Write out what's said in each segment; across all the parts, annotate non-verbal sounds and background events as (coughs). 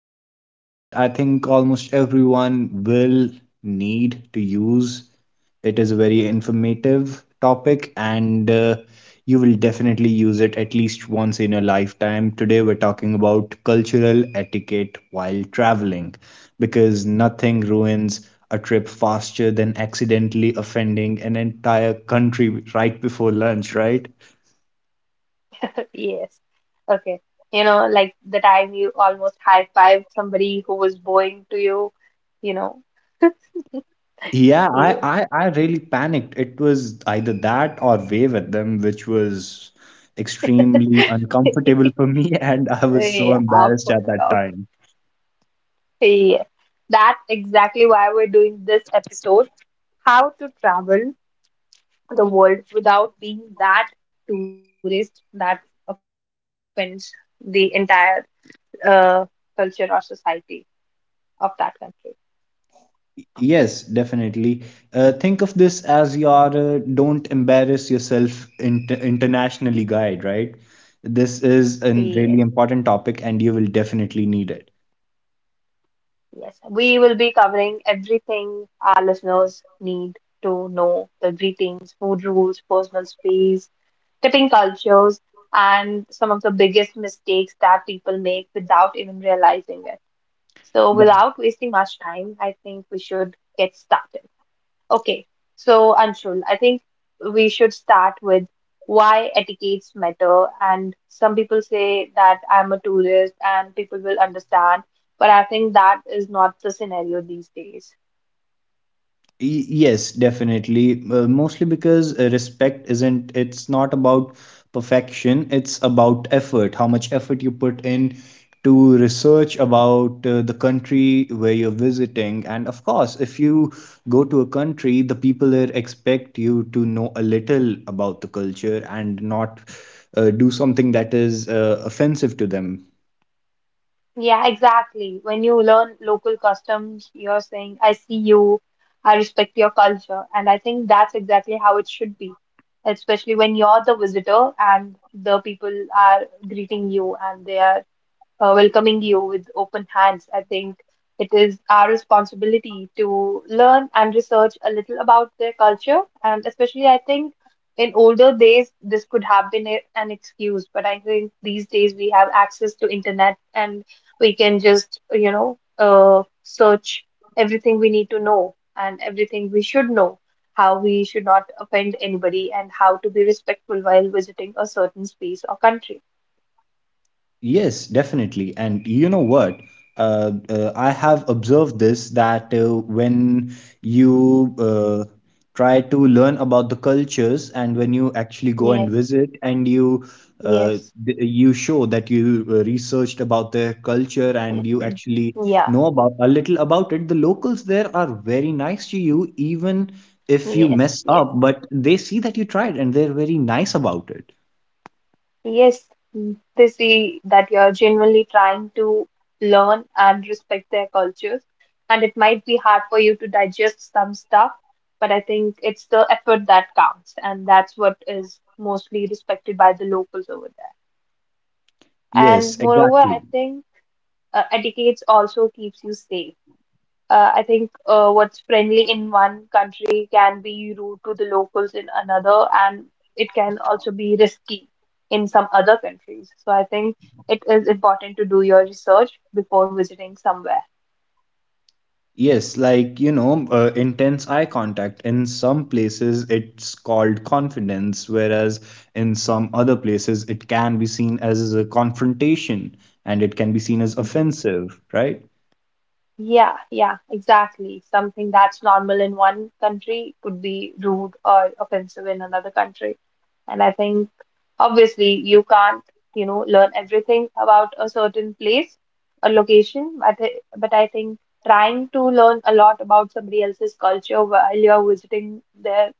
topic that I think almost everyone will need to use. It is a very informative topic and you will definitely use it at least once in your lifetime. Today we're talking about cultural etiquette while traveling because nothing ruins a trip faster than accidentally offending an entire country right before lunch, right? Yes. Okay. Like the time you almost high-fived somebody who was bowing to you, you know. Yeah, I, Yes. I, I really panicked. It was either that or wave at them, which was extremely (laughs) uncomfortable for me, (laughs) and I was so Yeah, embarrassed awkward, at that awkward. time. Yeah. That's exactly why we're doing this episode, how to travel the world without being that tourist that offends the entire uh, culture or society of that country. Yes, definitely. Think of this as your don't embarrass yourself internationally guide, right? This is a Yes. really important topic, and you will definitely need it. Yes, we will be covering everything our listeners need to know, the greetings, food rules, personal space, tipping cultures, and some of the biggest mistakes that people make without even realizing it. So, without wasting much time, I think we should get started. Okay, so Anshul, I think we should start with why etiquettes matter. And some people say that I'm a tourist and people will understand, but I think that is not the scenario these days. Yes, definitely. Mostly because respect isn't, it's not about perfection, it's about effort, how much effort you put in to research about the country where you're visiting. And of course, if you go to a country, the people there expect you to know a little about the culture and not do something that is offensive to them. Yeah, exactly. When you learn local customs, you're saying, I see you, I respect your culture. And I think that's exactly how it should be, especially when you're the visitor and the people are greeting you and they are welcoming you with open hands. I think it is our responsibility to learn and research a little about their culture. And especially, I think in older days, this could have been an excuse. But I think these days we have access to internet and we can just, search everything we need to know and everything we should know. How we should not offend anybody and how to be respectful while visiting a certain space or country. Yes, definitely. And you know what? I have observed this that when you try to learn about the cultures and when you actually go and Yes, visit and you uh, yes. You show that you researched about their culture and you actually Yeah, know about a little about it, the locals there are very nice to you, even if you yes, mess yes, up, but they see that you tried and they're very nice about it. yes. Mm. They see that you're genuinely trying to learn and respect their cultures, and it might be hard for you to digest some stuff, but I think it's the effort that counts, and that's what is mostly respected by the locals over there. Yes, And moreover, exactly. I think etiquette also keeps you safe. I think what's friendly in one country can be rude to the locals in another, and it can also be risky in some other countries. So I think it is important to do your research before visiting somewhere. Yes, like, you know, intense eye contact. In some places, it's called confidence, whereas in some other places, it can be seen as a confrontation and it can be seen as offensive, right? Yeah, yeah, exactly. Something that's normal in one country could be rude or offensive in another country. And I think obviously you can't, learn everything about a certain place or location, but I think trying to learn a lot about somebody else's culture while you're visiting their,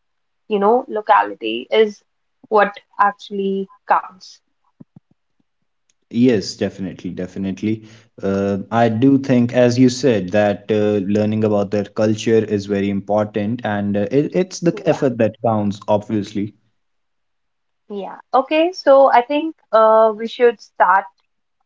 you know, locality is what actually counts. Yes, definitely, definitely. I do think, as you said, that learning about their culture is very important and it's the Yeah, effort that counts, obviously. yeah. Okay, so I think we should start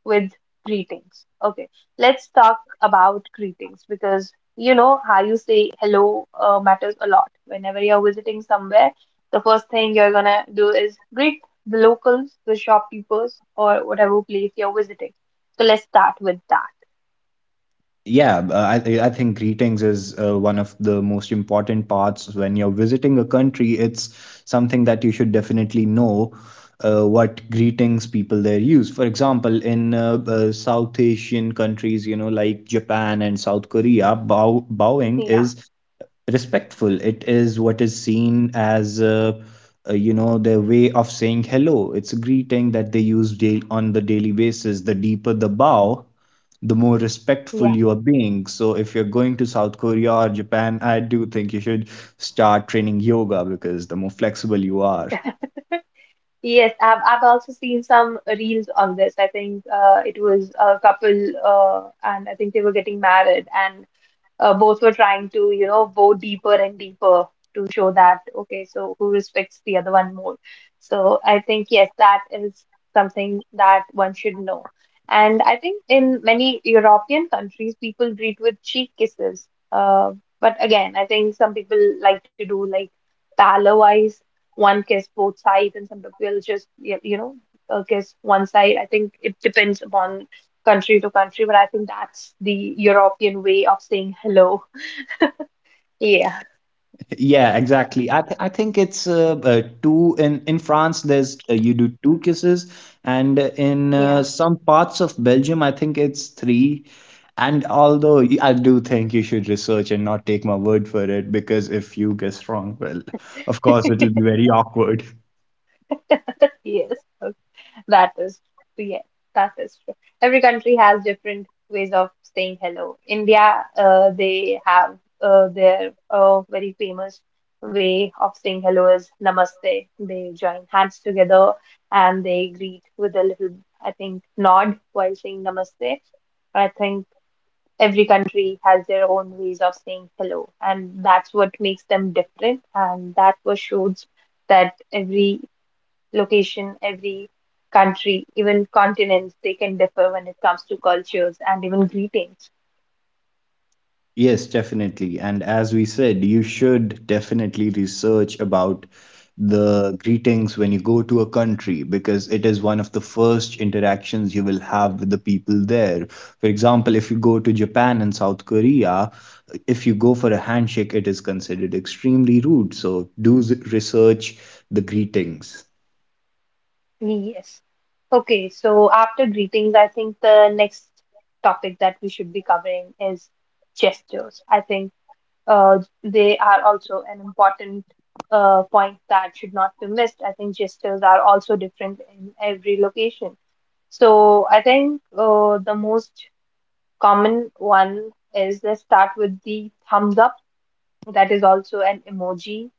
with greetings. Okay, let's talk about greetings because you know how you say hello matters a lot. Whenever you're visiting somewhere, the first thing you're gonna do is greet the locals, the shopkeepers, or whatever place you're visiting. So let's start with that. Yeah, I think greetings is one of the most important parts when you're visiting a country. It's something that you should definitely know what greetings people there use. For example, in South Asian countries, you know, like Japan and South Korea, bowing Yeah, is respectful. It is what is seen as you know, their way of saying hello. It's a greeting that they use daily on the daily basis. The deeper the bow, the more respectful yeah. you are being. So if you're going to South Korea or Japan, I do think you should start training yoga because the more flexible you are, (laughs) Yes, I've also seen some reels on this. I think it was a couple, and I think they were getting married, and both were trying to, go deeper and deeper to show that, okay, so who respects the other one more? So I think, yes, that is something that one should know. And I think in many European countries, people greet with cheek kisses. Uh, but again, I think some people like to do like palo-wise, one kiss both sides, and some people just, kiss one side. I think it depends upon country to country, but I think that's the European way of saying hello. Yeah, Yeah, exactly. I think it's two in France. There's you do two kisses, and in yeah. some parts of Belgium, I think it's three. And although I do think you should research and not take my word for it, because if you guess wrong, well, of course (laughs) it'll be very awkward. Yes, okay. That is true. Yes, that is true. Every country has different ways of saying hello. India, they have their very famous way of saying hello is namaste. They join hands together and they greet with a little, I think, nod while saying namaste. I think every country has their own ways of saying hello, and that's what makes them different. And that was shows that every location, every country, even continents, they can differ when it comes to cultures and even greetings. Yes, definitely. And as we said, you should definitely research about the greetings when you go to a country because it is one of the first interactions you will have with the people there. For example, if you go to Japan and South Korea, if you go for a handshake, it is considered extremely rude. So do research the greetings. Yes. Okay, so after greetings, I think the next topic that we should be covering is gestures. I think they are also an important point that should not be missed. I think gestures are also different in every location. So I think the most common one is let's start with the thumbs up. That is also an emoji.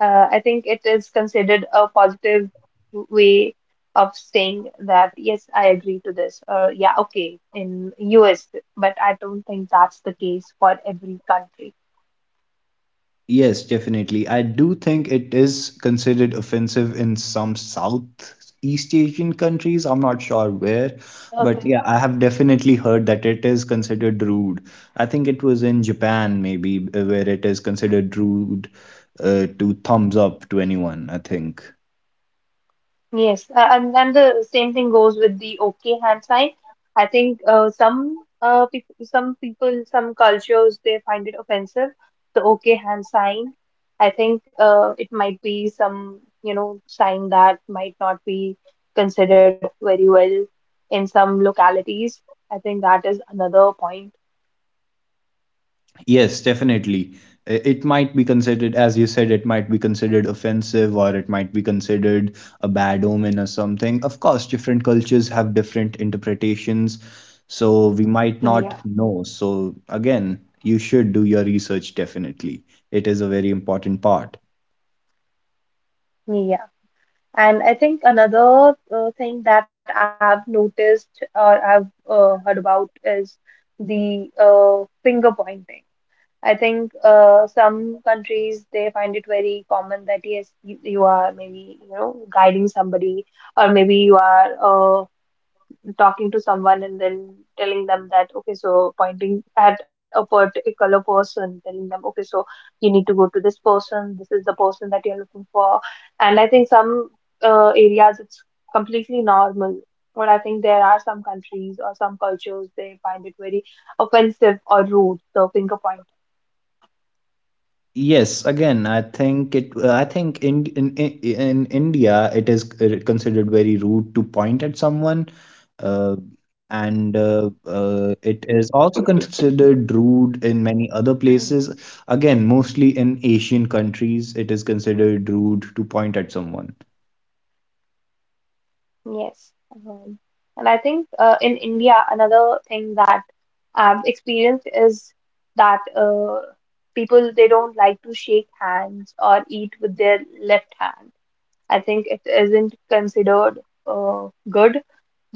I think it is considered a positive way of saying that yes, I agree to this. Yeah, okay, in US, but I don't think that's the case for every country. Yes, definitely. I do think it is considered offensive in some Southeast Asian countries. I'm not sure where, Okay. but yeah, I have definitely heard that it is considered rude. I think it was in Japan, maybe, where it is considered rude to thumbs up to anyone, I think. Yes, and the same thing goes with the okay hand sign. I think some people, some cultures they find it offensive, the okay hand sign. I think it might be some sign that might not be considered very well in some localities. I think that is another point. Yes, definitely. It might be considered, as you said, it might be considered offensive or it might be considered a bad omen or something. Of course, different cultures have different interpretations, so we might not Yeah, know. So, again, you should do your research definitely. It is a very important part. yeah. And I think another thing that I've noticed or I've heard about is the finger pointing. I think some countries they find it very common that yes, you are maybe guiding somebody, or maybe you are uh, talking to someone and then telling them that, okay, so pointing at a particular person, telling them, okay, so you need to go to this person, this is the person that you're looking for. And I think some areas it's completely normal. But I think there are some countries or some cultures they find it very offensive or rude, the finger point. Yes, again, I think it. I think in India, it is considered very rude to point at someone, uh, and it is also considered rude in many other places. Again, mostly in Asian countries, it is considered rude to point at someone. Yes. um, and I think in India another thing that I've experienced is that people they don't like to shake hands or eat with their left hand. I think it isn't considered good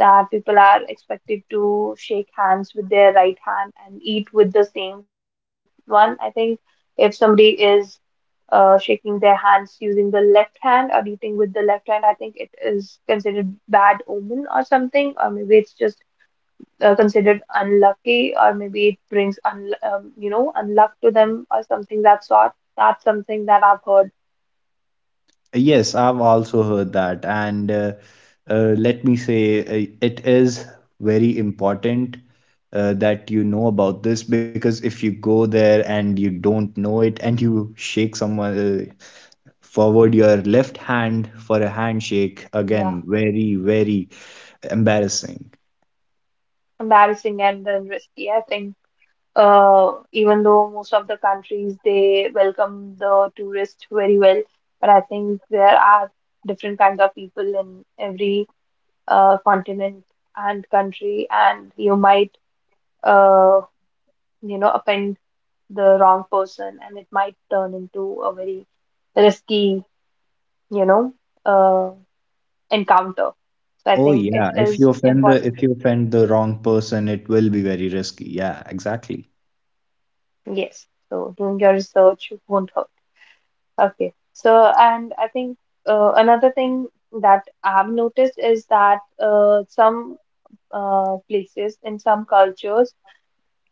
that people are expected to shake hands with their right hand and eat with the same one. I think if somebody is shaking their hands using the left hand or eating with the left hand, I think it is considered bad omen or something, or maybe it's just considered unlucky or maybe it brings un you know unluck to them or something that sort. That's something that I've heard. Yes, I've also heard that. And let me say, it is very important that you know about this because if you go there and you don't know it and you shake someone uh, forward your left hand for a handshake, Yeah, again, very, very embarrassing. embarrassing and then risky. I think even though most of the countries they welcome the tourists very well, but I think there are different kinds of people in every continent and country, and you might uh, offend the wrong person, and it might turn into a very risky, you know, uh, encounter. So I Oh think it yeah, is important. if you offend the wrong person, it will be very risky. Yeah, exactly. Yes. So doing your research won't hurt. Okay. So, and I think another thing that I've noticed is that some places in some cultures,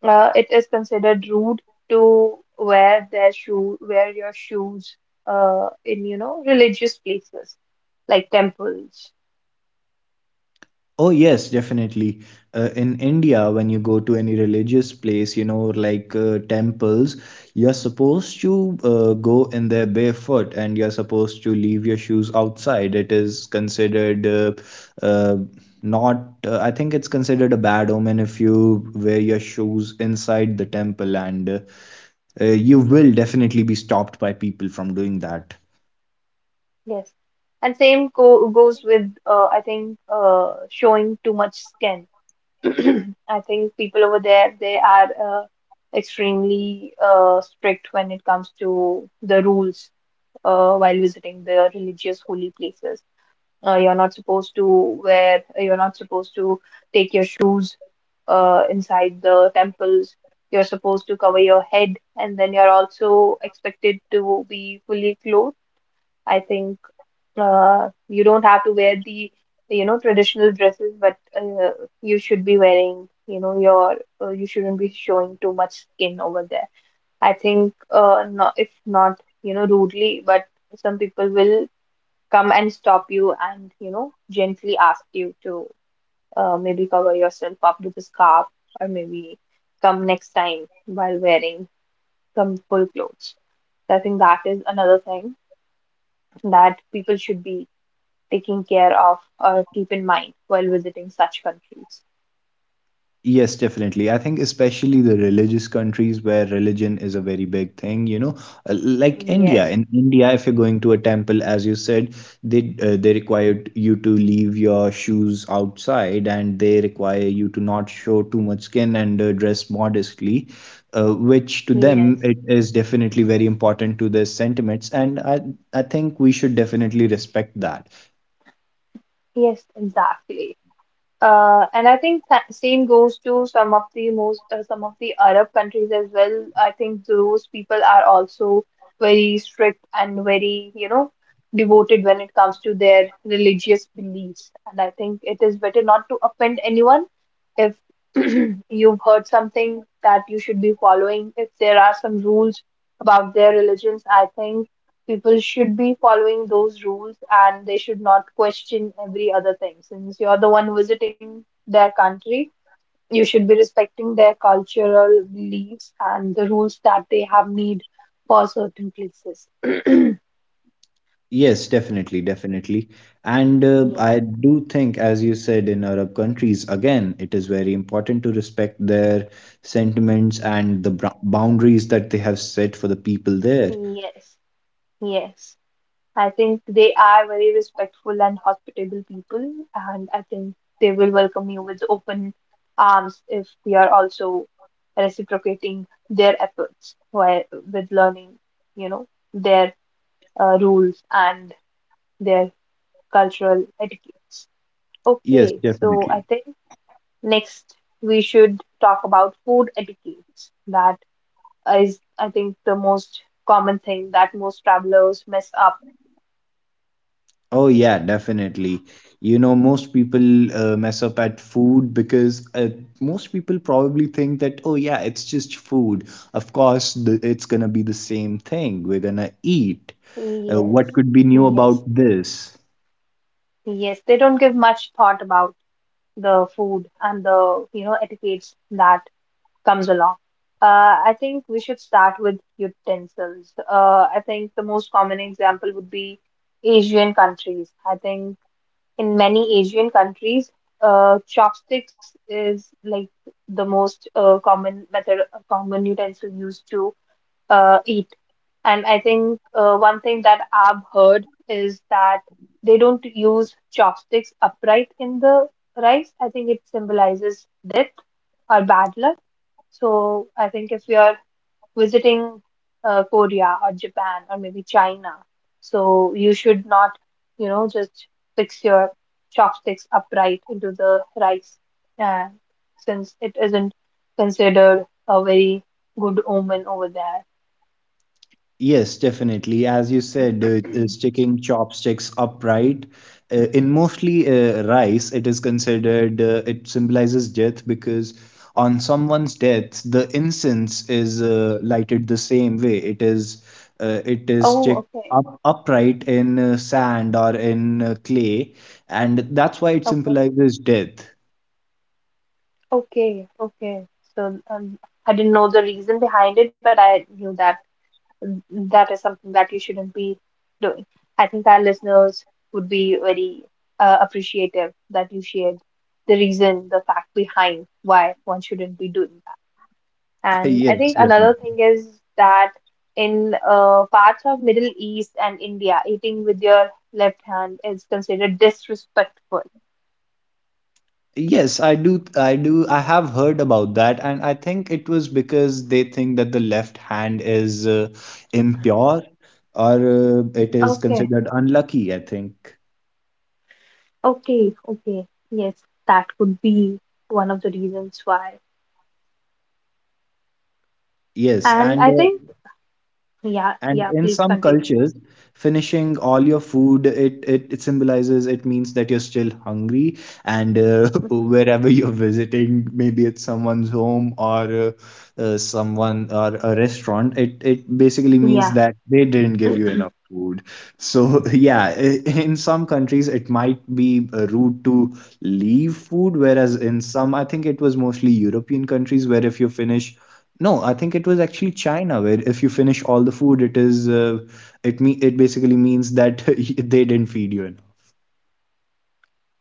it is considered rude to wear your shoes in, religious places like temples. Oh, yes, definitely. In India, when you go to any religious place, you know, like temples, you're supposed to go in there barefoot and you're supposed to leave your shoes outside. It is considered uh, not, I think it's considered a bad omen if you wear your shoes inside the temple, and you will definitely be stopped by people from doing that. Yes. And same go goes with I think showing too much skin. (clears throat) I think people over there they are extremely strict when it comes to the rules while visiting the religious holy places. You're not supposed to take your shoes inside the temples. You're supposed to cover your head, and then you're also expected to be fully clothed. I think you don't have to wear the traditional dresses, but you should be wearing you know your you shouldn't be showing too much skin over there. I think no, if not rudely, but some people will come and stop you and gently ask you to maybe cover yourself up with a scarf or maybe come next time while wearing some full clothes. So I think that is another thing that people should be taking care of or keep in mind while visiting such countries. Yes, definitely. I think especially the religious countries where religion is a very big thing, you know, like Yes, India. In India, if you're going to a temple, as you said, they require you to leave your shoes outside, and they require you to not show too much skin and dress modestly, which to them yes, it is definitely very important to their sentiments, and I think we should definitely respect that. yes, exactly. And I think same goes to some of the most some of the Arab countries as well. I think those people are also very strict and very, devoted when it comes to their religious beliefs. And I think it is better not to offend anyone. If (clears throat) you've heard something that you should be following, if there are some rules about their religions, I think people should be following those rules and they should not question every other thing. Since you're the one visiting their country, you should be respecting their cultural beliefs and the rules that they have need for certain places. (clears throat) Yes, definitely, definitely. And Yeah, I do think, as you said, in Arab countries, again, it is very important to respect their sentiments and the boundaries that they have set for the people there. yes, yes. I think they are very respectful and hospitable people, and I think they will welcome you with open arms if we are also reciprocating their efforts while with learning, you know, their rules and their cultural etiquettes. Yes, Okay, so I definitely. think next we should talk about food etiquettes. That is, I think, the most common thing that most travelers mess up. Oh, yeah, definitely. You know, most people mess up at food because most people probably think that, oh, yeah, it's just food. Of course, it's gonna be the same thing. We're gonna eat. Yes. What could be new about Yes. this? Yes, they don't give much thought about the food and the, etiquettes that comes along. I think we should start with utensils. I think the most common example would be Asian countries. I think in many Asian countries, chopsticks is like the most common method, common utensil used to eat. And I think one thing that I've heard is that they don't use chopsticks upright in the rice. I think it symbolizes death or bad luck. So I think if you're visiting Korea or Japan or maybe China, so you should not, just fix your chopsticks upright into the rice, uh, since it isn't considered a very good omen over there. Yes, definitely. As you said, (clears throat) sticking chopsticks upright in mostly rice, it is considered it symbolizes death because on someone's death, the incense is lighted the same way. It is Oh, stick up upright in sand or in clay, and that's why it okay, symbolizes death. (laughs) Okay. So I didn't know the reason behind it, but I knew that mm, that is something that you shouldn't be doing. I think our listeners would be very appreciative that you shared the reason, the fact behind why one shouldn't be doing that. And I Yes, think another definitely. thing is that in parts of Middle East and India, eating with your left hand is considered disrespectful. Yes, I do. I do. I have heard about that, and I think it was because they think that the left hand is impure or it is considered unlucky, I think. Okay, okay. Yes, that could be one of the reasons why. Yes, And and I uh, think, And yeah, in please some continue. cultures, finishing all your food, it symbolizes, it means that you're still hungry. And (laughs) wherever you're visiting, maybe it's someone's home or someone or a restaurant, it basically means Yeah. that they didn't give you enough food. So, (laughs) yeah, in some countries, it might be rude to leave food, whereas in some, I think it was mostly European countries where if you finish no, I think it was actually China where if you finish all the food, it is it basically means that (laughs) they didn't feed you enough.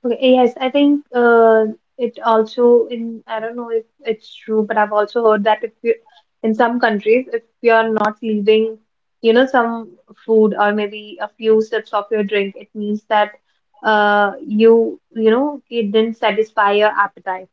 Okay. Yes, I think it also in I don't know if it's true, but I've also heard that if you in some countries, if you're not leaving, some food or maybe a few sips of your drink, it means that you you know it didn't satisfy your appetite.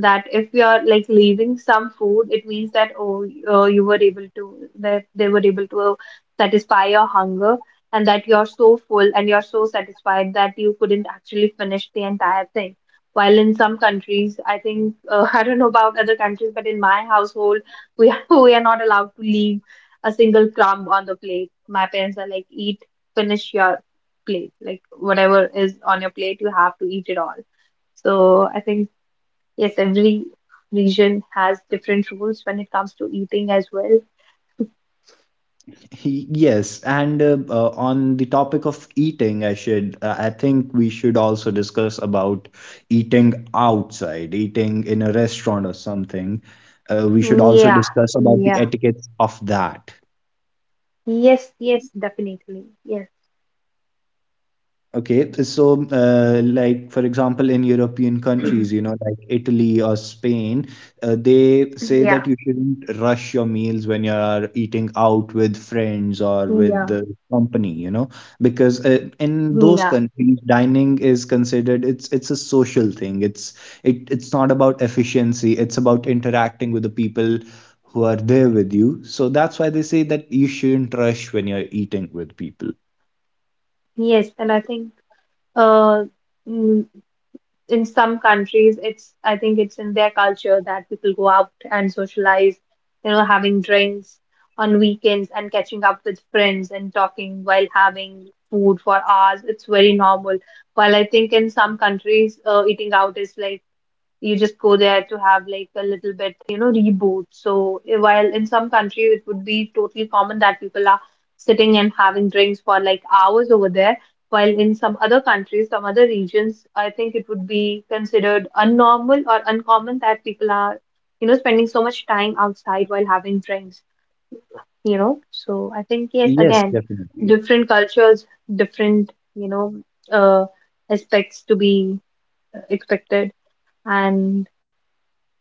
That if we are like leaving some food, it means that oh, you were able to that they were able to satisfy your hunger, and that you're so full and you're so satisfied that you couldn't actually finish the entire thing. While in some countries, I think (laughs) I don't know about other countries, but in my household, we (laughs) we are not allowed to leave a single crumb on the plate. My parents are like, eat, finish your plate, like whatever is on your plate, you have to eat it all. So I think yes, every region has different rules when it comes to eating as well. Yes, and on the topic of eating, I think we should also discuss about eating outside, eating in a restaurant or something. We should also Yeah, discuss about the yeah. etiquettes of that. Yes, yes, definitely. Yes. Okay, so like for example, in European countries, you (clears throat) know, like Italy or Spain, they say Yeah, that you shouldn't rush your meals when you are eating out with friends or with yeah, the company, you know, because in those yeah. countries, dining is considered it's a social thing. It it's not about efficiency. It's about interacting with the people who are there with you. So that's why they say that you shouldn't rush when you're eating with people. Yes, and I think uh mm, in some countries it's I think it's in their culture that people go out and socialize, having drinks on weekends and catching up with friends and talking while having food for hours. It's very normal, while I think in some countries eating out is like you just go there to have like a little bit, reboot. So while in some countries it would be totally common that people are sitting and having drinks for like hours over there, while in some other countries, some other regions, I think it would be considered unnormal or uncommon that people are, spending so much time outside while having drinks, you know. So I think yes, Yes, again, definitely. different cultures, different, uh, aspects to be expected. And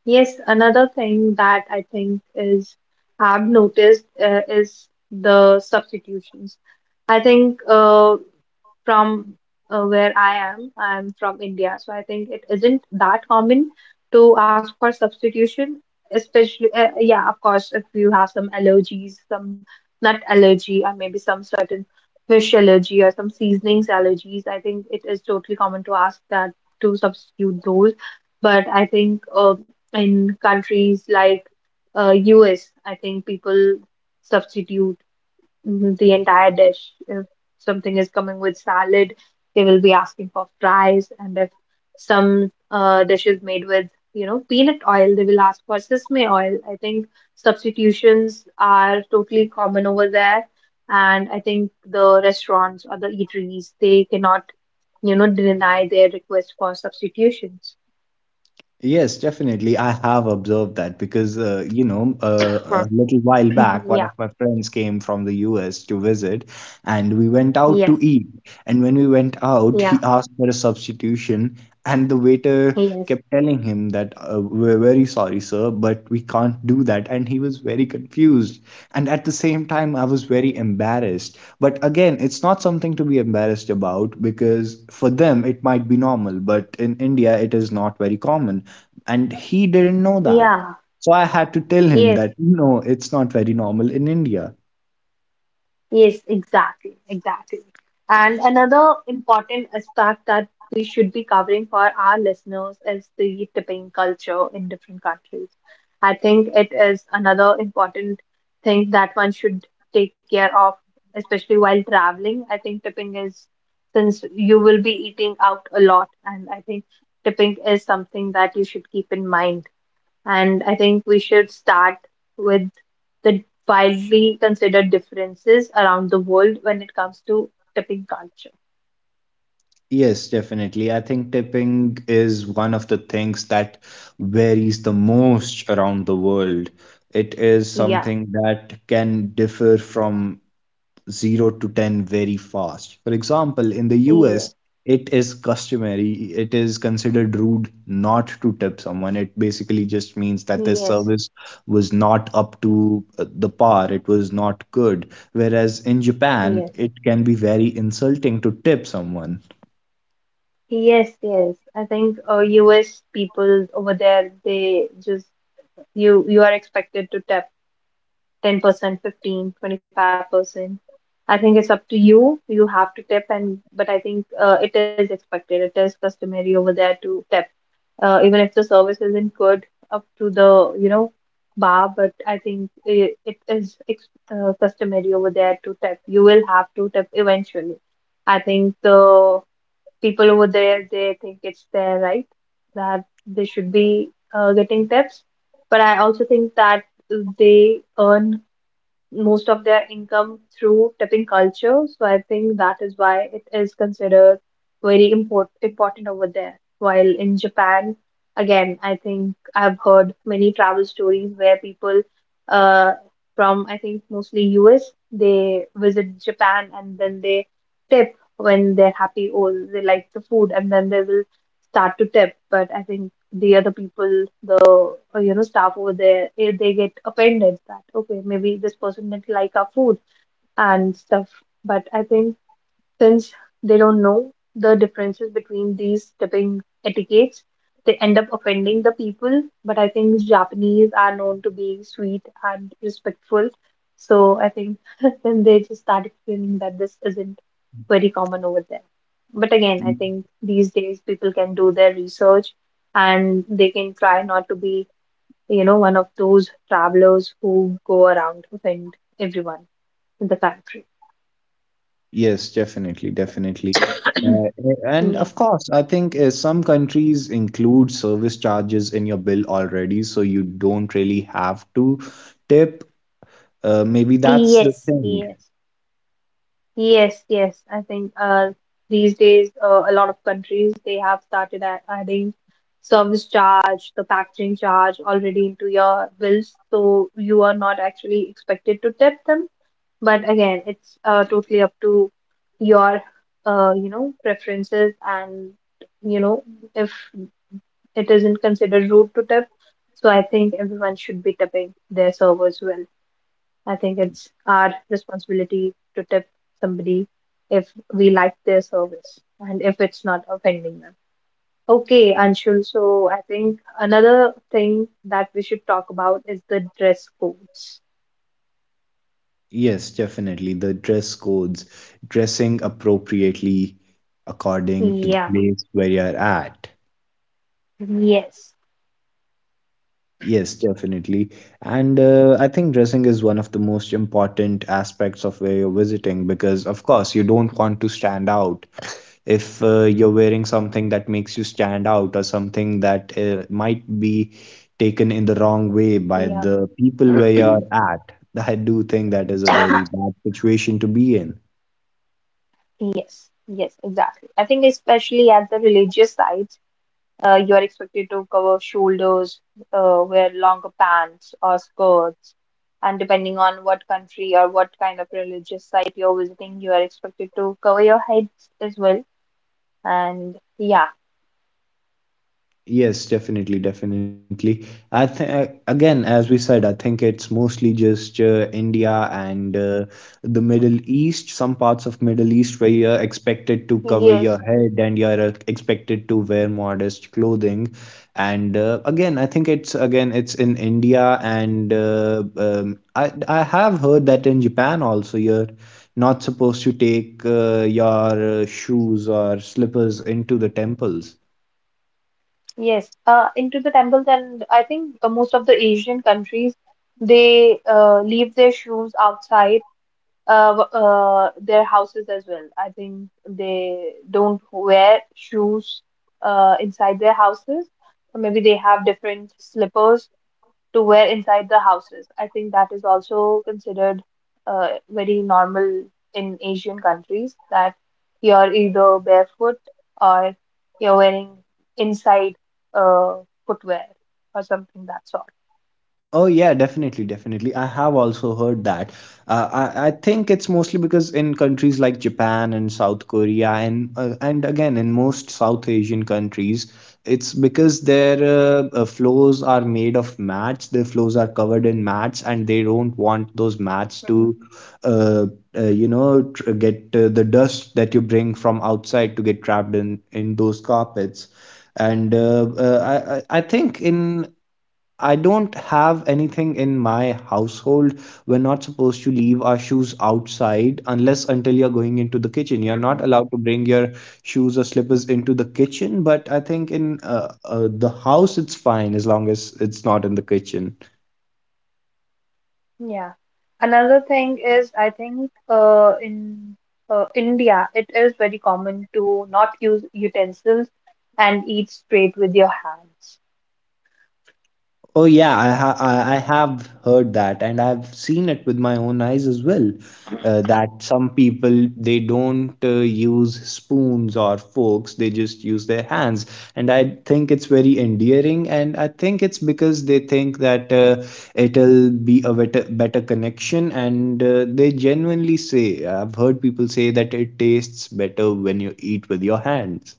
yes, another thing that I think is I've noticed is the substitutions. I think from where I am, I'm from India, so I think it isn't that common to ask for substitution, especially yeah, of course, if you have some allergies, some nut allergy, or maybe some certain fish allergy or some seasonings allergies. I think it is totally common to ask that to substitute those. But I think in countries like US, I think people substitute the entire dish. If something is coming with salad, they will be asking for fries, and if some dish is made with, peanut oil, they will ask for sesame oil. I think substitutions are totally common over there, and I think the restaurants or the eateries, they cannot, deny their request for substitutions. Yes, definitely. I have observed that because, you know, Huh. a little while (clears throat) back, one Yeah, of my friends came from the US to visit and we went out to yeah, eat. And when we went out, yeah. he asked for a substitution. And the waiter Yes, kept telling him that, we're very sorry, sir, but we can't do that. And he was very confused. And at the same time, I was very embarrassed. But again, it's not something to be embarrassed about because for them, it might be normal, but in India, it is not very common and he didn't know that. yeah, So I had to tell him yes, that no, it's not very normal in India. yes, exactly. And another important aspect that we should be covering for our listeners is the tipping culture in different countries. I think it is another important thing that one should take care of, especially while traveling. I think tipping is, since you will be eating out a lot, and I think tipping is something that you should keep in mind. And I think we should start with the widely considered differences around the world when it comes to tipping culture. Yes, definitely. I think tipping is one of the things that varies the most around the world. It is Yeah. something that can differ from 0 to 10 very fast. For example, in the US, Yes, it is customary, it is considered rude not to tip someone. It basically just means that this yes, service was not up to the par, it was not good. Whereas in Japan, yes, it can be very insulting to tip someone. Yes. I think US people over there, they just, you are expected to tip 10%, 15%, 25%. I think it's up to you. You have to tip. And but I think it is expected. It is customary over there to tip. Even if the service isn't good up to the, bar, but I think it is ex customary over there to tip. You will have to tip eventually. I think the people over there, they think it's their right that they should be getting tips, but I also think that they earn most of their income through tipping culture. So I think that is why it is considered very important over there. While in Japan, again, I think I've heard many travel stories where people uh, from, I think mostly US, they visit Japan and then they tip when they're happy or they like the food and then they will start to tip. But I think the other people, the staff over there, if they get offended that okay maybe this person didn't like our food and stuff. But I think since they don't know the differences between these tipping etiquettes, they end up offending the people. But I think Japanese are known to be sweet and respectful. So I think (laughs) then they just start explaining that this isn't very common over there. But again, I think these days people can do their research and they can try not to be, one of those travelers who go around offend everyone in the country. Yes, definitely, definitely. Uh, and Yeah. of course, I think some countries include service charges in your bill already, so you don't really have to tip. Maybe that's the Yes, thing. yes. Yes, yes. I think these days a lot of countries they have started adding service charge, the packaging charge already into your bills, so you are not actually expected to tip them. But again, it's totally up to your preferences and you know if it isn't considered rude to tip. So I think everyone should be tipping their servers well. I think it's our responsibility to tip somebody if we like their service and if it's not offending them. Okay, Anshul, so I think another thing that we should talk about is the dress codes. Yes, definitely. The dress codes, dressing appropriately according to the Yeah, place where you're at. yes, Yes, definitely. And I think dressing is one of the most important aspects of where you're visiting because, of course, you don't want to stand out. If you're wearing something that makes you stand out or something that might be taken in the wrong way by yeah, the people where you're at, I do think that is a very (coughs) bad situation to be in. Yes, exactly. I think especially at the religious sites. You are expected to cover shoulders, wear longer pants or skirts, and depending on what country or what kind of religious site you're visiting, you are expected to cover your heads as well. And yeah, Yes, definitely, definitely. I think again, as we said, I think it's mostly just India and the Middle East, some parts of Middle East where you're expected to cover your yes, head and you're expected to wear modest clothing. And again, I think it's again it's in India and I have heard that in Japan also you're not supposed to take your shoes or slippers into the temples. yes. Into the temples, and I think most of the Asian countries they leave their shoes outside uh, their houses as well. I think they don't wear shoes inside their houses. Or maybe they have different slippers to wear inside the houses. I think that is also considered very normal in Asian countries that you're either barefoot or you're wearing inside uh, footwear or something that sort. Oh yeah, definitely, definitely. I have also heard that. I think it's mostly because in countries like Japan and South Korea and again in most South Asian countries, it's because their floors are made of mats. Their floors are covered in mats, and they don't want those Mm-hmm. mats to, uh, you know, tr get the dust that you bring from outside to get trapped in those carpets. And I think in I don't have anything in my household. We're not supposed to leave our shoes outside unless until you're going into the kitchen. You're not allowed to bring your shoes or slippers into the kitchen, but I think in the house it's fine as long as it's not in the kitchen. Yeah. Another thing is, I think in India, it is very common to not use utensils and eat straight with your hands. Oh yeah, I ha- I have heard that, and I've seen it with my own eyes as well. That some people they don't use spoons or forks; they just use their hands. And I think it's very endearing, and I think it's because they think that it'll be a better connection. And they genuinely say, I've heard people say that it tastes better when you eat with your hands.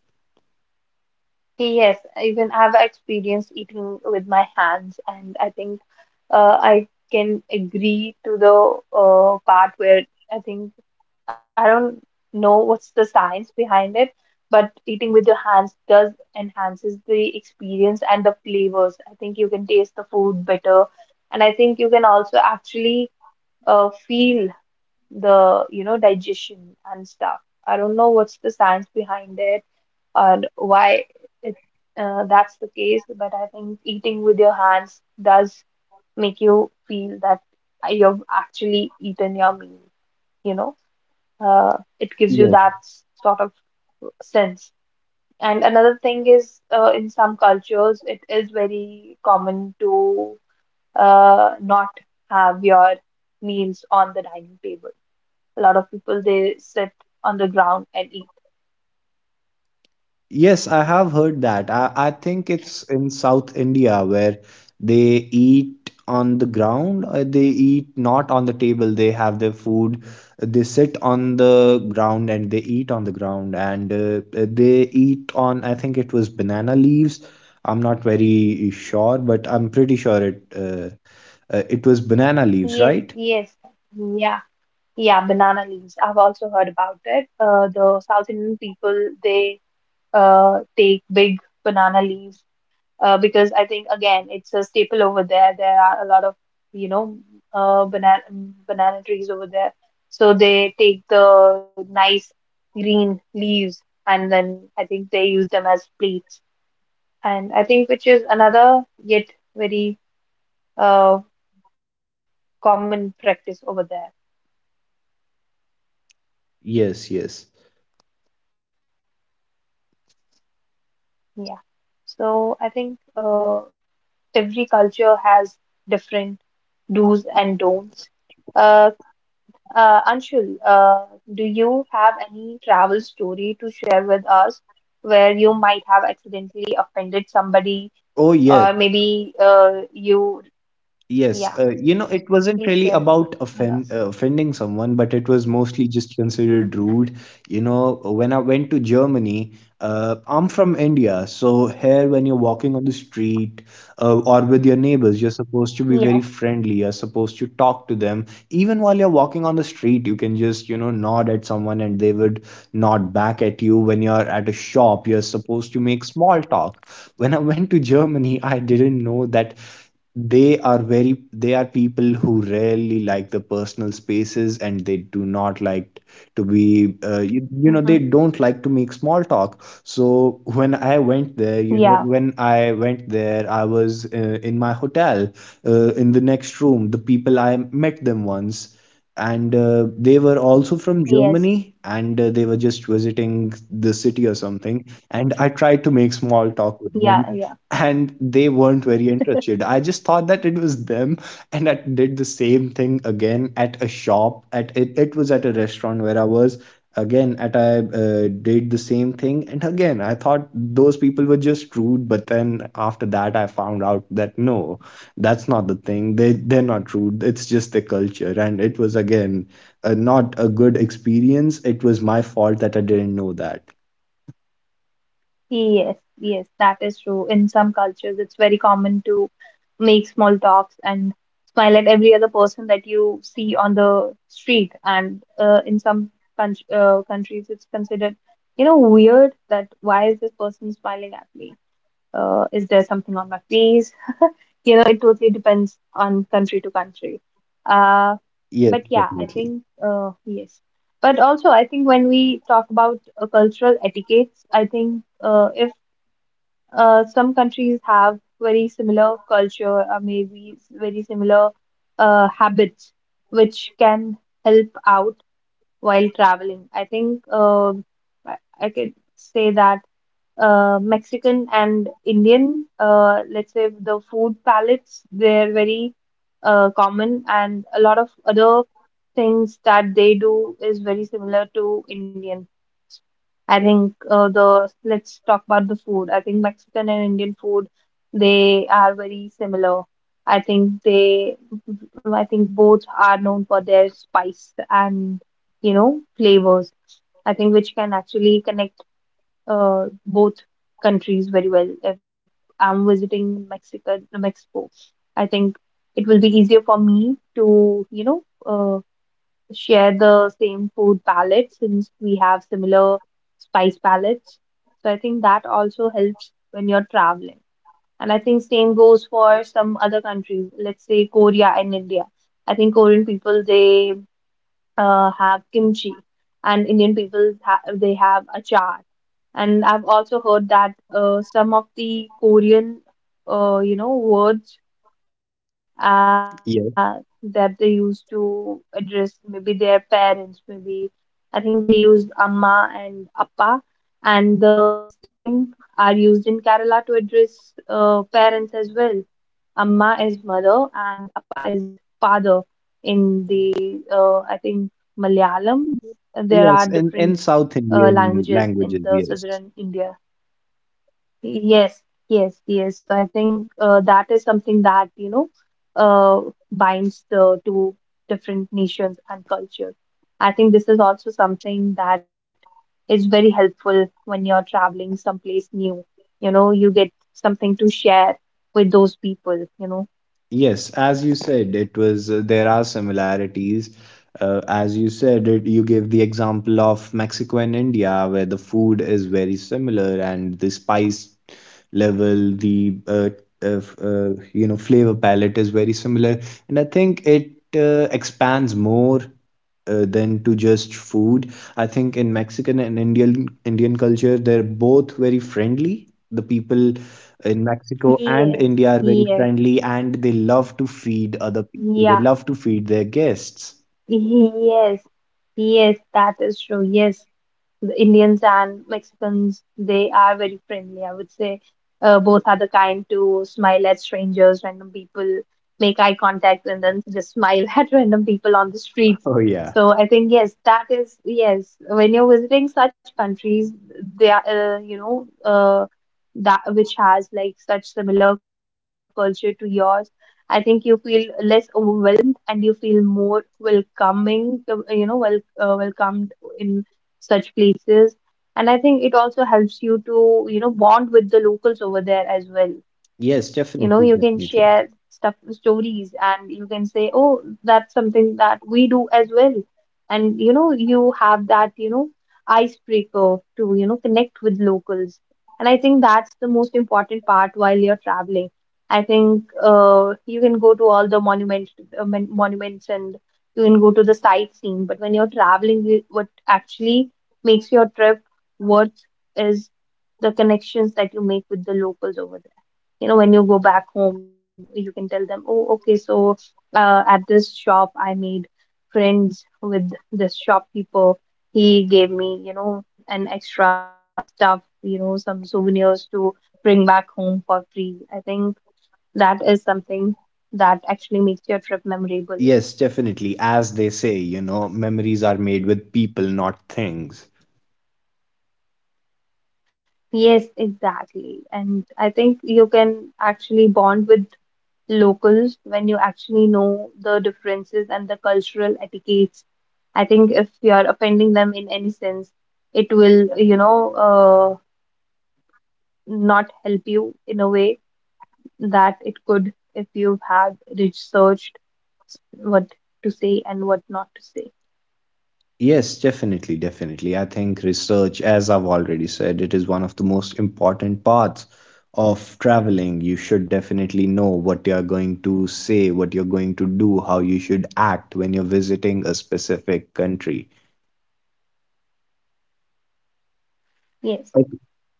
Yes, even I've experienced eating with my hands, and I think I can agree to the part where I think I don't know what's the science behind it, but eating with your hands does enhances the experience and the flavors. I think you can taste the food better, and I think you can also actually feel the digestion and stuff. I don't know what's the science behind it and why it that's the case, but I think eating with your hands does make you feel that you've actually eaten your meal, you know. Uh, it gives you that sort of sense. And another thing is, in some cultures, it is very common to not have your meals on the dining table. A lot of people they sit on the ground and eat. Yes, I have heard that. I think it's in South India where they eat on the ground. They eat not on the table. They have their food. They sit on the ground and they eat on the ground. And they eat on, I think it was banana leaves. I'm not very sure, but I'm pretty sure it it was banana leaves, Yes, right? yes, yeah, yeah, banana leaves. I've also heard about it. The South Indian people they take big banana leaves because I think again it's a staple over there. There are a lot of you know uh, banana banana trees over there, so they take the nice green leaves and then I think they use them as plates. And I think which is another yet very uh, common practice over there. Yes, yes. Yeah. So I think every culture has different do's and don'ts. Uh, Anshul, do you have any travel story to share with us where you might have accidentally offended somebody, or maybe Oh, yes. You, yeah, Yes, please you share know, it it wasn't with really us. about offending someone, but it was mostly just considered rude. You know, when I went to Germany, I'm from India, so here when you're walking on the street or with your neighbors, you're Yeah. supposed to be very friendly. You're supposed to talk to them. Even while you're walking on the street, you can just, you know, nod at someone and they would nod back at you. When you're at a shop, you're supposed to make small talk. When I went to Germany, I didn't know that they are people who rarely like the personal spaces and they do not like to be Hmm. You know they don't like to make small talk, so when I went Yeah. there, you know, when I went there I was in my hotel in the next room. The people I met them once and they were also Yes, from Germany and they were just visiting the city or something, and I tried to make small yeah, talk with yeah. them, and they weren't very interested. I just thought that it was them, and I did the same thing again at a shop. It was at a restaurant where I was again at I did the same thing, and again I thought those people were just rude. But then after that, I found out that no, that's not the thing. They're not rude. It's just the culture, and it was again not a good experience. It was my fault that I didn't know that. Yes, yes, that is true. In some cultures, it's very common to make small talks and smile at every other person that you see on the street. And in some countries, it's considered, you know, weird that why is this person smiling at me? Is there something on my face? You know, it totally depends on country to country. Yes, Uh, definitely. but yeah, I think, yes. But also, I think when we talk about cultural etiquettes, I think if some countries have very similar culture or maybe very similar habits which can help out while traveling. I think I could say that Mexican and Indian, let's say the food palettes, they're very common, and a lot of other things that they do is very similar to Indian. I think the let's talk about the food. I think Mexican and Indian food, they are very similar. I think they, I think both are known for their spice and you know flavors. I think which can actually connect both countries very well. If I'm visiting Mexico, I think it will be easier for me to, you know, share the same food palette since we have similar spice palettes. So I think that also helps when you're traveling. And I think same goes for some other countries, let's say Korea and India. I think Korean people, they have kimchi, and Indian people ha they have achar. And I've also heard that some of the Korean, you know, words uh, Yes. that they used to address maybe their parents, maybe I think they use Amma and Appa, and the same are used in Kerala to address parents as well. Amma is mother and Appa is father. In the I think Malayalam, there are Yes, in, different in South Indian languages in languages, the yes. southern India. Yes, yes, yes. So I think that is something that, you know, binds the two different nations and culture. I think this is also something that is very helpful when you're traveling someplace new. You know, you get something to share with those people, you know. Yes, as you said, it was there are similarities. As you said, you gave the example of Mexico and India, where the food is very similar and the spice level, the you know flavor palette is very similar, and I think it expands more than to just food. I think in Mexican and Indian culture, they're both very friendly. The people in Mexico and Yes, India are very yes, friendly, and they love to feed other people. They yeah, love to feed their guests. (laughs) (laughs) yes, yes, that is true. Yes. The Indians and Mexicans, they are very friendly. I would say both are the kind to smile at strangers, random people, make eye contact, and then just smile (laughs) at random people on the streets. Oh yeah. So I think yes, that is yes. When you're visiting such countries, they are you know that which has like such similar culture to yours. I think you feel less overwhelmed and you feel more welcoming, you know, well, welcomed in such places. And I think it also helps you to, you know, bond with the locals over there as well. Yes, You know, definitely, you can definitely. share stuff, stories, and you can say, oh, that's something that we do as well. And, you know, you have that, you know, icebreaker to, you know, connect with locals. And I think that's the most important part while you're traveling. I think you can go to all the monument, monuments and you can go to the sightseeing. But when you're traveling, what actually makes your trip worth is the connections that you make with the locals over there. You know, when you go back home, you can tell them, oh, okay, so at this shop I made friends with this shopkeeper. He gave me, you know, an extra stuff, you know, some souvenirs to bring back home for free. I think that is something that actually makes your trip memorable. Yes, definitely. As they say, you know, memories are made with people, not things. Yes, exactly, and I think you can actually bond with locals when you actually know the differences and the cultural etiquettes. I think if you are offending them in any sense, it will, you know, not help you in a way that it could if you've had researched what to say and what not to say. Yes, definitely, definitely. I think research, as I've already said, it is one of the most important parts of traveling. You should definitely know what you're going to say, what you're going to do, how you should act when you're visiting a specific country. Yes. But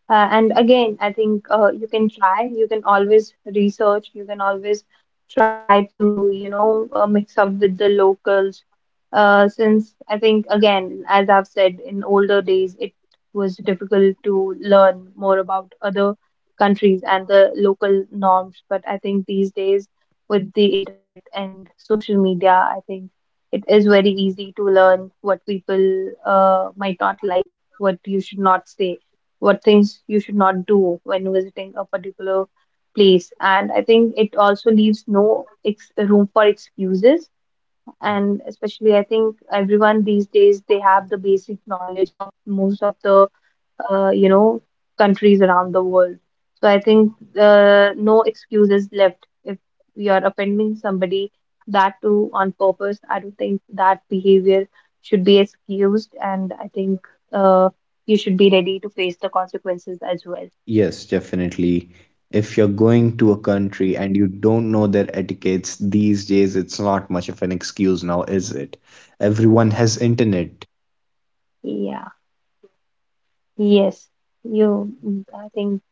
And again, I think you can try, you can always research, you can always try to, you know, mix up with the locals. Since I think, again, as I've said, in older days, it was difficult to learn more about other countries and the local norms. But I think these days, with the internet and social media, I think it is very easy to learn what people might not like, what you should not say, what things you should not do when visiting a particular place. And I think it also leaves no ex room for excuses, and especially, I think everyone these days they have the basic knowledge of most of the you know countries around the world. So I think no excuse is left if you are offending somebody that too on purpose. I don't think that behavior should be excused, and I think uh, you should be ready to face the consequences as well. yes, definitely. If you're going to a country and you don't know their Mm, etiquettes these days, it's not much of an excuse now, is it? Everyone has internet. yeah, yes, you. Mm, I think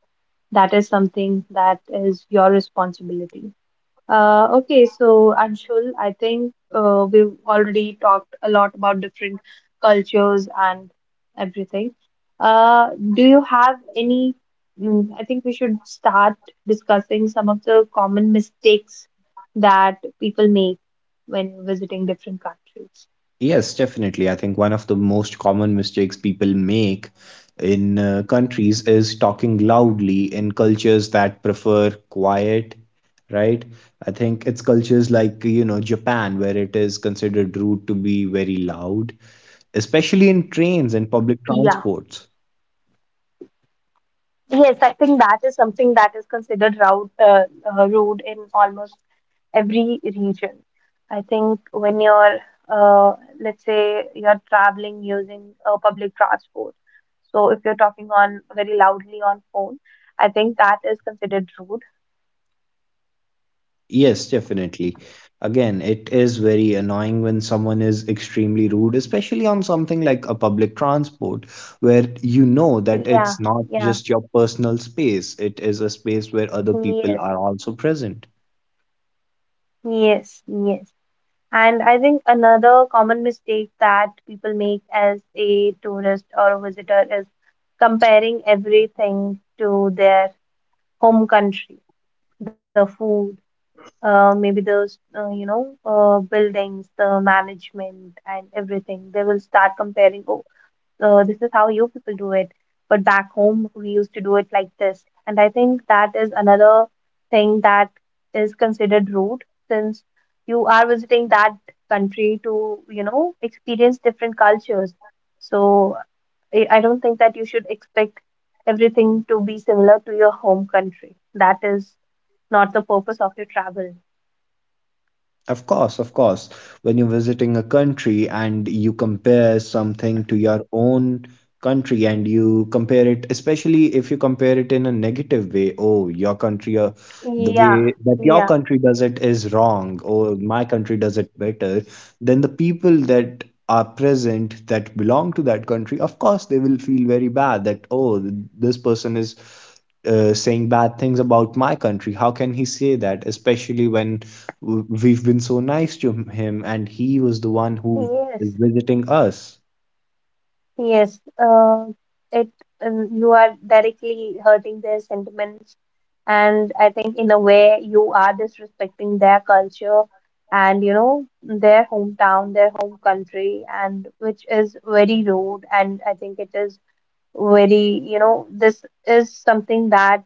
that is something that is your responsibility. Okay, so Anshul, I think we've already talked a lot about different cultures and everything. Do you have any? Mm, I think we should start discussing some of the common mistakes that people make when visiting different countries. Yes, definitely. I think one of the most common mistakes people make in countries is talking loudly in cultures that prefer quiet, right? I think it's cultures like, you know, Japan, where it is considered rude to be very loud, especially in trains and public Yeah. transports. Yes, I think that is something that is considered route rude in almost every region. I think when you're, uh, let's say, you're traveling using public transport. So if you're talking on very loudly on phone, I think that is considered rude. Yes, definitely. Again, it is very annoying when someone is extremely rude, especially on something like a public transport, where you know that Yeah, it's not yeah, just your personal space, it is a space where other people yes, are also present. yes, yes. And I think another common mistake that people make as a tourist or a visitor is comparing everything to their home country, the food, maybe those you know buildings, the management and everything. They will start comparing. Oh, this is how you people do it, but back home we used to do it like this. And I think that is another thing that is considered rude since you are visiting that country to you know experience different cultures. So I don't think that you should expect everything to be similar to your home country. That is not the purpose of your travel. Of course, of course. When you're visiting a country and you compare something to your own country and you compare it, especially if you compare it in a negative way, oh, your country, the Yeah, way that your yeah, country does it is wrong, or my country does it better, then the people that are present that belong to that country, of course, they will feel very bad that, oh, this person is saying bad things about my country. How can he say that? Especially when we've been so nice to him and he was the one who is yes, visiting us. yes. It you are directly hurting their sentiments, and I think in a way you are disrespecting their culture and you know their hometown, their home country, and which is very rude. And I think it is very you know this is something that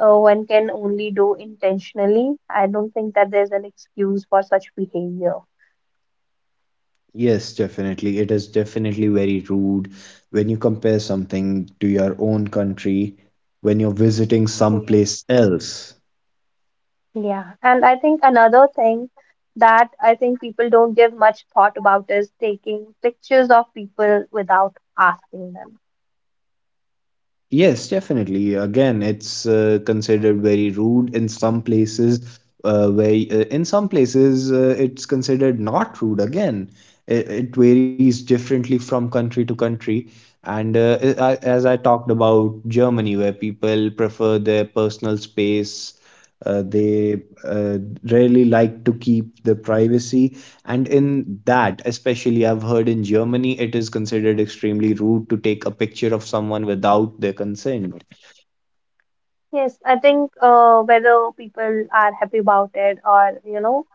one can only do intentionally. I don't think that there's an excuse for such behavior. Yes, definitely, it is definitely very rude when you compare something to your own country when you're visiting Yes. someplace else. Yeah, and I think another thing that I think people don't give much thought about is taking pictures of people without asking them. Yes, definitely. Again, it's considered very rude in some places. Where In some places it's considered not rude. Again, it varies differently from country to country. And as I talked about Germany, where people prefer their personal space, they really like to keep the privacy, and in that, especially, I've heard in Germany, it is considered extremely rude to take a picture of someone without their consent. Yes, I think whether people are happy about it or, you know,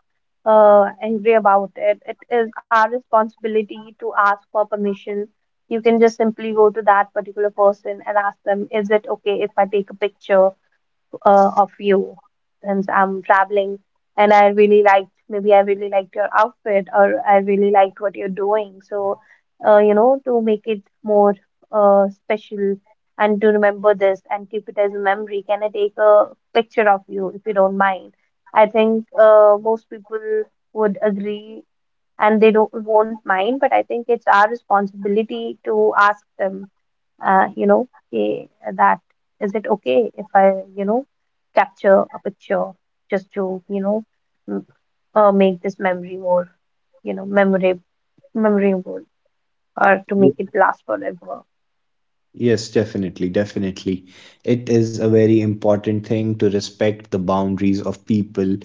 angry about it, it is our responsibility to ask for permission. You can just simply go to that particular person and ask them, is it okay if I take a picture? Of you since I'm traveling and I really liked, maybe I really liked your outfit or I really liked what you're doing. So, you know, to make it more special and to remember this and keep it as a memory, can I take a picture of you if you don't mind? I think most people would agree and they don't won't mind, but I think it's our responsibility to ask them you know, eh, that is it okay if I, you know, capture a picture just to, you know, m- make this memory more, you know, memorable, memorable, or to make Ye- it last forever. Yes, definitely, definitely. It is a very important thing to respect the boundaries of people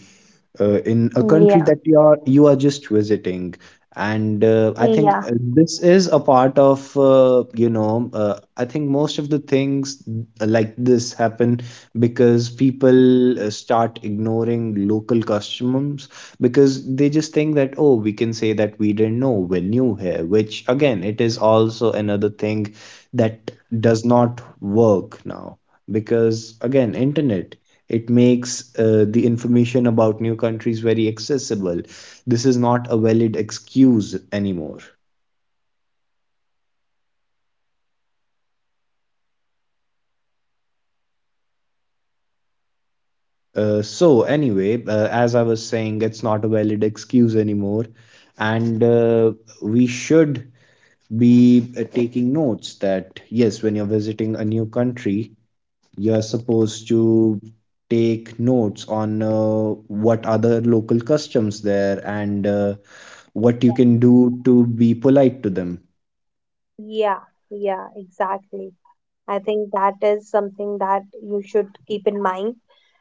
in a country that Yeah, you are just visiting, and I think yeah, this is a part of I think most of the things like this happen because people start ignoring local customs because they just think that, oh, we can say that we didn't know, we're new here, which again it is also another thing that does not work now because again internet, it makes the information about new countries very accessible. This is not a valid excuse anymore. So, anyway, as I was saying, it's not a valid excuse anymore. And we should be taking notes that, yes, when you're visiting a new country, you're supposed to take notes on what other local customs there and yeah, what you can do to be polite to them. yeah, yeah, exactly. I think that is something that you should keep in mind.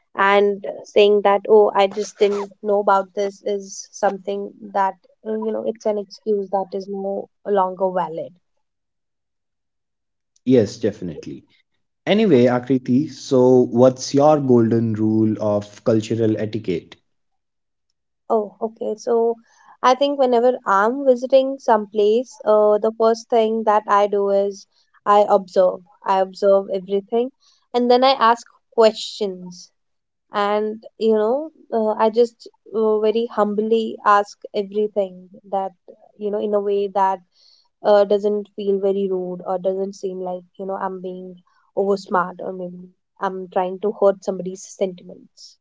And saying that, oh, I just didn't know about this is something that, you know, it's an excuse that is no longer valid. Yes, definitely. Anyway, Akriti, so what's your golden rule of cultural etiquette? Oh, okay. So I think whenever I'm visiting some place, the first thing that I do is I observe. I observe everything, and then I ask questions. And I just very humbly ask everything that in a way that doesn't feel very rude or doesn't seem like I'm being over smart, or maybe I'm trying to hurt somebody's sentiments.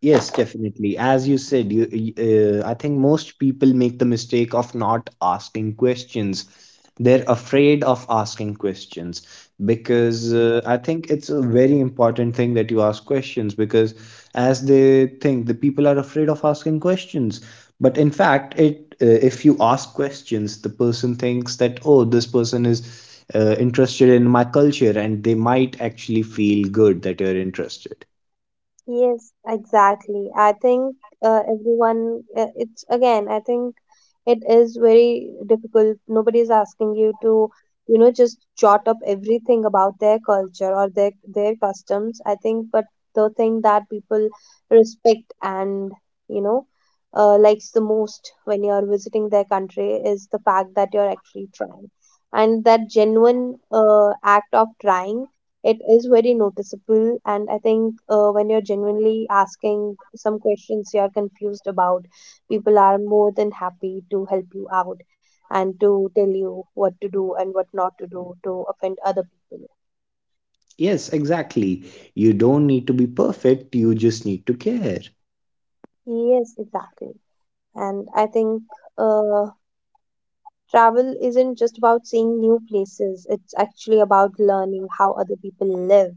Yes, definitely. As you said, I think most people make the mistake of not asking questions. They're afraid of asking questions because I think it's a very important thing that you ask questions because as they think, the people are afraid of asking questions. But in fact, it if you ask questions, the person thinks that, oh, this person is interested in my culture, and they might actually feel good that you're interested. Yes, exactly. I think it's again, I think it is very difficult. Nobody is asking you to, just jot up everything about their culture or their customs. I think, but the thing that people respect and, you know, likes the most when you're visiting their country is the fact that you're actually trying. And that genuine act of trying, it is very noticeable. And I think, when you're genuinely asking some questions you're confused about, people are more than happy to help you out and to tell you what to do and what not to do to offend other people. Yes, exactly. You don't need to be perfect, you just need to care. Yes, exactly. And I think, uh, travel isn't just about seeing new places, it's actually about learning how other people live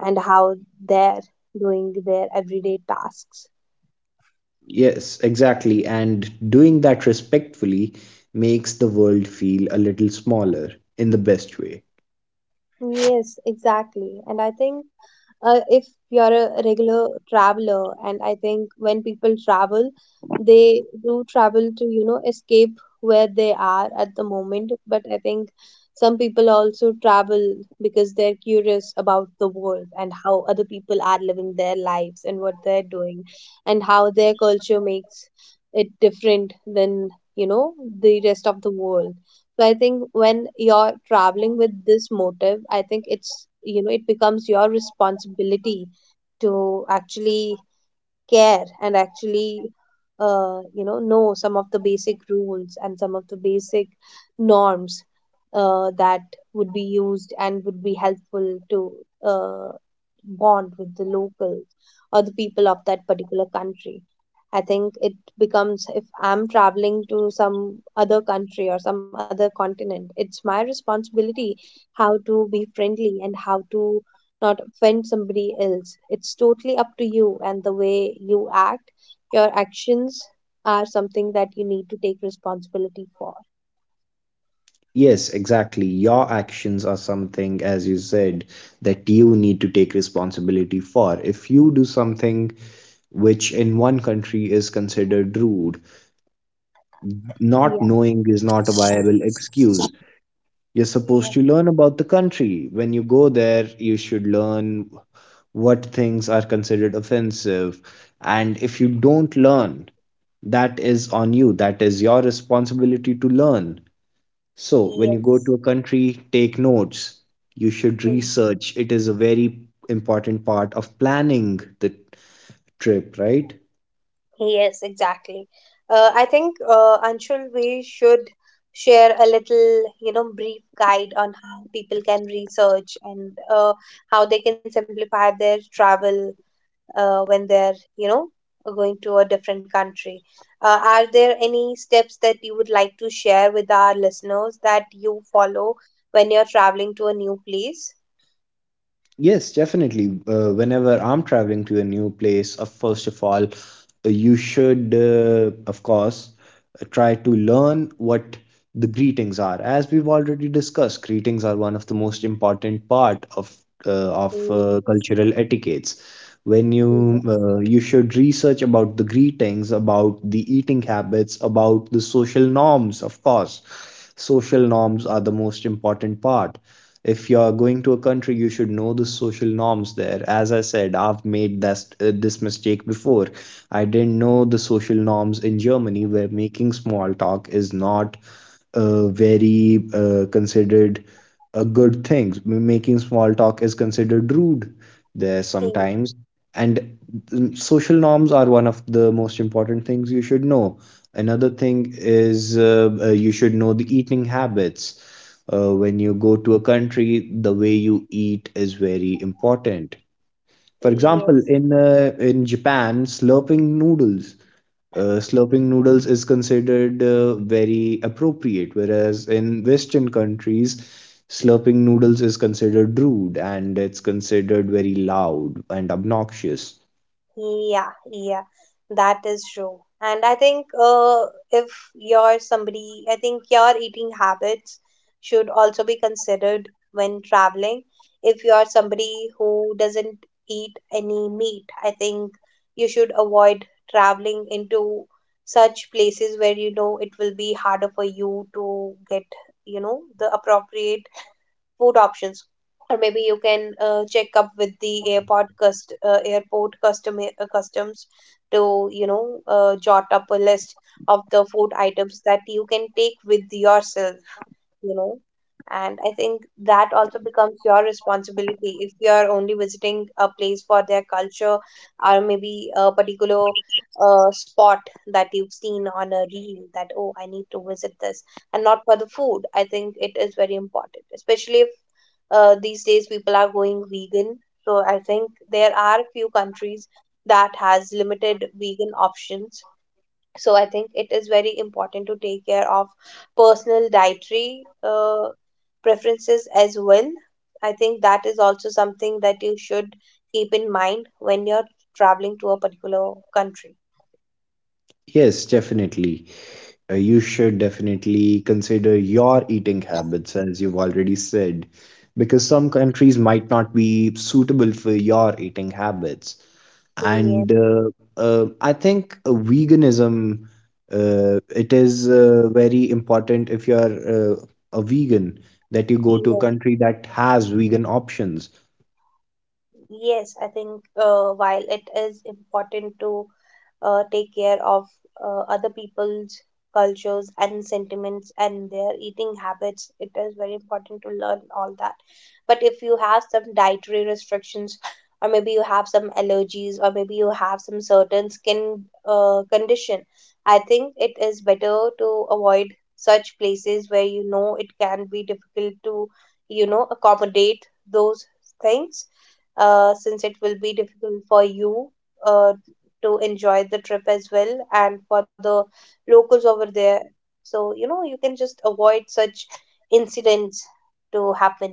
and how they're doing their everyday tasks. Yes, exactly. And doing that respectfully makes the world feel a little smaller in the best way. Yes, exactly. And I think, if you're a regular traveler, and I think when people travel, they do travel to, escape where they are at the moment, but I think some people also travel because they're curious about the world and how other people are living their lives and what they're doing, and how their culture makes it different than, you know the rest of the world. So I think when you're traveling with this motive, I think it's, it becomes your responsibility to actually care and actually, know some of the basic rules and some of the basic norms that would be used and would be helpful to uh, bond with the locals or the people of that particular country. I think it becomes, if I'm traveling to some other country or some other continent, it's my responsibility how to be friendly and how to not offend somebody else. It's totally up to you and the way you act. Your actions are something that you need to take responsibility for. Yes, exactly. Your actions are something, as you said, that you need to take responsibility for. If you do something which in one country is considered rude, not Yeah. knowing is not a viable excuse. You're supposed Yeah, to learn about the country. When you go there, you should learn what things are considered offensive. And if you don't learn, that is on you. That is your responsibility to learn. So, when you go yes. to a country, take notes. You should Hmm. research. It is a very important part of planning the trip, right? Yes, exactly. I think, Anshul, we should share a little, brief guide on how people can research, and how they can simplify their travel when they're, going to a different country. Uh, are there any steps that you would like to share with our listeners that you follow when you're traveling to a new place? Yes, definitely. Whenever I'm traveling to a new place, first of all, you should, of course, try to learn what the greetings are. As we've already discussed, greetings are one of the most important part of Yes, cultural etiquettes. When you yes, you should research about the greetings, about the eating habits, about the social norms, of course. Social norms are the most important part if you're going to a country you should know the social norms there as I said I've made this mistake before. I didn't know the social norms in Germany where making small talk is not very considered a good thing. Making small talk is considered rude there sometimes. And social norms are one of the most important things you should know. Another thing is you should know the eating habits. When you go to a country, the way you eat is very important. For example, yes. in in Japan, slurping noodles is considered very appropriate, whereas in Western countries, slurping noodles is considered rude and it's considered very loud and obnoxious. Yeah, yeah, that is true. And I think, if you're somebody, I think your eating habits should also be considered when traveling. If you're somebody who doesn't eat any meat, I think you should avoid traveling into such places where you know it will be harder for you to get, the appropriate food options. Or maybe you can check up with the airport cust airport custom customs to jot up a list of the food items that you can take with yourself, you know and I think that also becomes your responsibility if you are only visiting a place for their culture, or maybe a particular spot that you've seen on a reel, that oh, I need to visit this and not for the food. I think it is very important, especially if, these days people are going vegan. So I think there are few countries that has limited vegan options. So I think it is very important to take care of personal dietary preferences as well. I think that is also something that you should keep in mind when you're traveling to a particular country. Yes, definitely. You should definitely consider your eating habits, as you've already said, because some countries might not be suitable for your eating habits. Yes. And I think veganism, it is very important if you're a vegan that you go to a Yes. country that has vegan options. Yes, I think, while it is important to take care of other people's cultures and sentiments and their eating habits, it is very important to learn all that. But if you have some dietary restrictions, or maybe you have some allergies, or maybe you have some certain skin condition, I think it is better to avoid such places where you know it can be difficult to, accommodate those things, since it will be difficult for you uh, to enjoy the trip as well, and for the locals over there. So, you can just avoid such incidents to happen.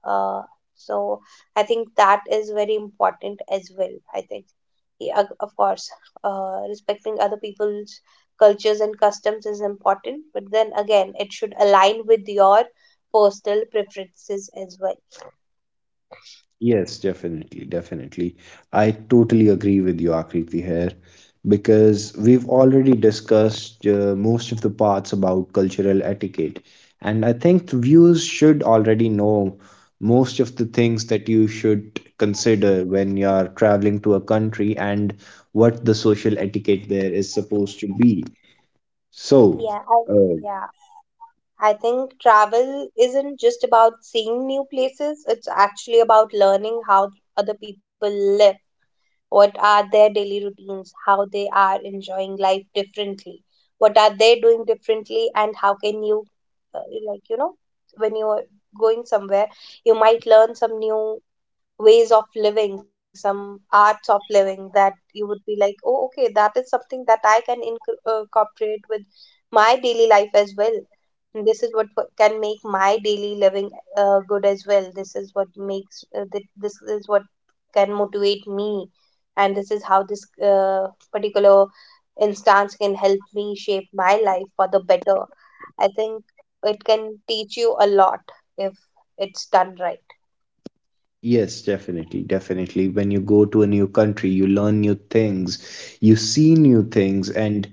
Uh, so, I think that is very important as well. I think, yeah, of course, respecting other people's cultures and customs is important, but then again, it should align with your personal preferences as well. Yes, definitely, definitely. I totally agree with you, Akriti, here because we've already discussed most of the parts about cultural etiquette, and I think the viewers should already know most of the things that you should consider when you're traveling to a country and what the social etiquette there is supposed to be. So, Yeah, I, uh, yeah. I think travel isn't just about seeing new places, it's actually about learning how other people live, what are their daily routines, how they are enjoying life differently, what are they doing differently, and how can you, uh, like, you know, when you are going somewhere, you might learn some new ways of living, some arts of living, that you would be like, oh okay, that is something that I can incorporate with my daily life as well. And this is what can make my daily living good as well. This is what makes, this is what can motivate me, and this is how this uh, particular instance can help me shape my life for the better. I think it can teach you a lot if it's done right. yes, definitely, definitely. When you go to a new country, you learn new things, you see new things, and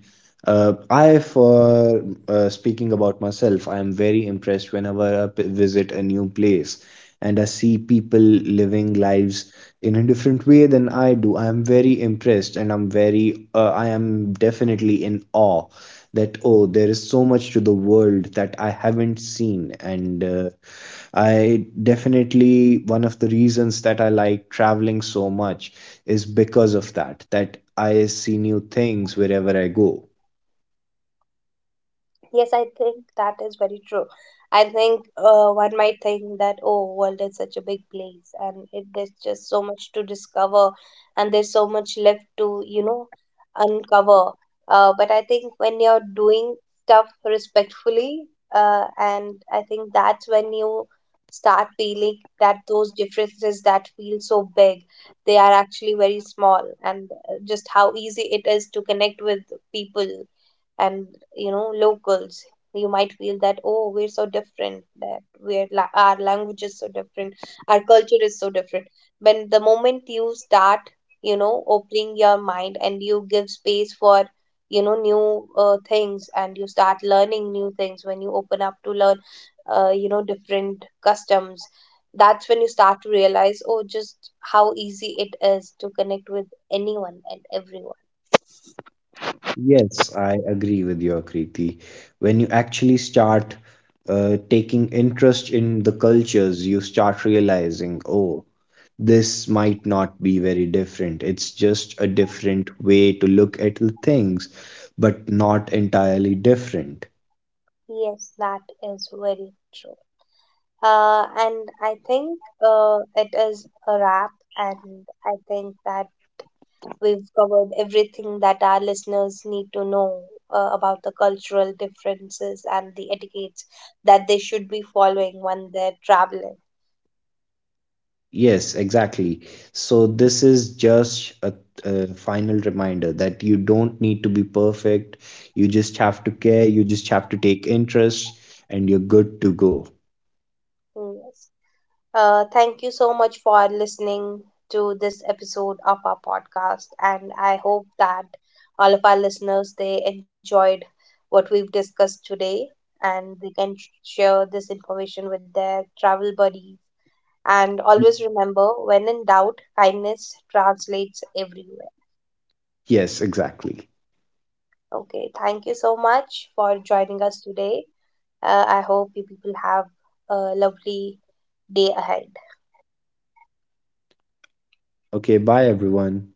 I, for speaking about myself, I am very impressed whenever I visit a new place and I see people living lives in a different way than I do. I am very impressed, and I am definitely in awe that oh, there is so much to the world that I haven't seen, and one of the reasons that I like traveling so much is because of that, that I see new things wherever I go. Yes, I think that is very true. I think, one might think that oh, world is such a big place, and it, there's just so much to discover, and there's so much left to, uncover. But I think when you're doing stuff respectfully, and I think that's when you start feeling that those differences that feel so big, they are actually very small, and just how easy it is to connect with people and, locals. You might feel that oh, we're so different, that our language is so different, our culture is so different, when the moment you start, opening your mind and you give space for, new things, and you start learning new things, when you open up to learn different customs, that's when you start to realize, oh, just how easy it is to connect with anyone and everyone. Yes, I agree with you, Kriti. When you actually start taking interest in the cultures, you start realizing, oh, this might not be very different. It's just a different way to look at the things, but not entirely different. Yes, that is very true. And I think, it is a wrap, and I think that we've covered everything that our listeners need to know about the cultural differences and the etiquettes that they should be following when they're traveling. Yes, exactly. So this is just a final reminder that you don't need to be perfect. You just have to care, you just have to take interest, and you're good to go. Mm. Thank you so much for listening to this episode of our podcast, and I hope that all of our listeners, they enjoyed what we've discussed today, and they can share this information with their travel buddies. And always remember, when in doubt, kindness translates everywhere. Yes, exactly. Okay, thank you so much for joining us today. I hope you people have a lovely day ahead. Okay, bye everyone.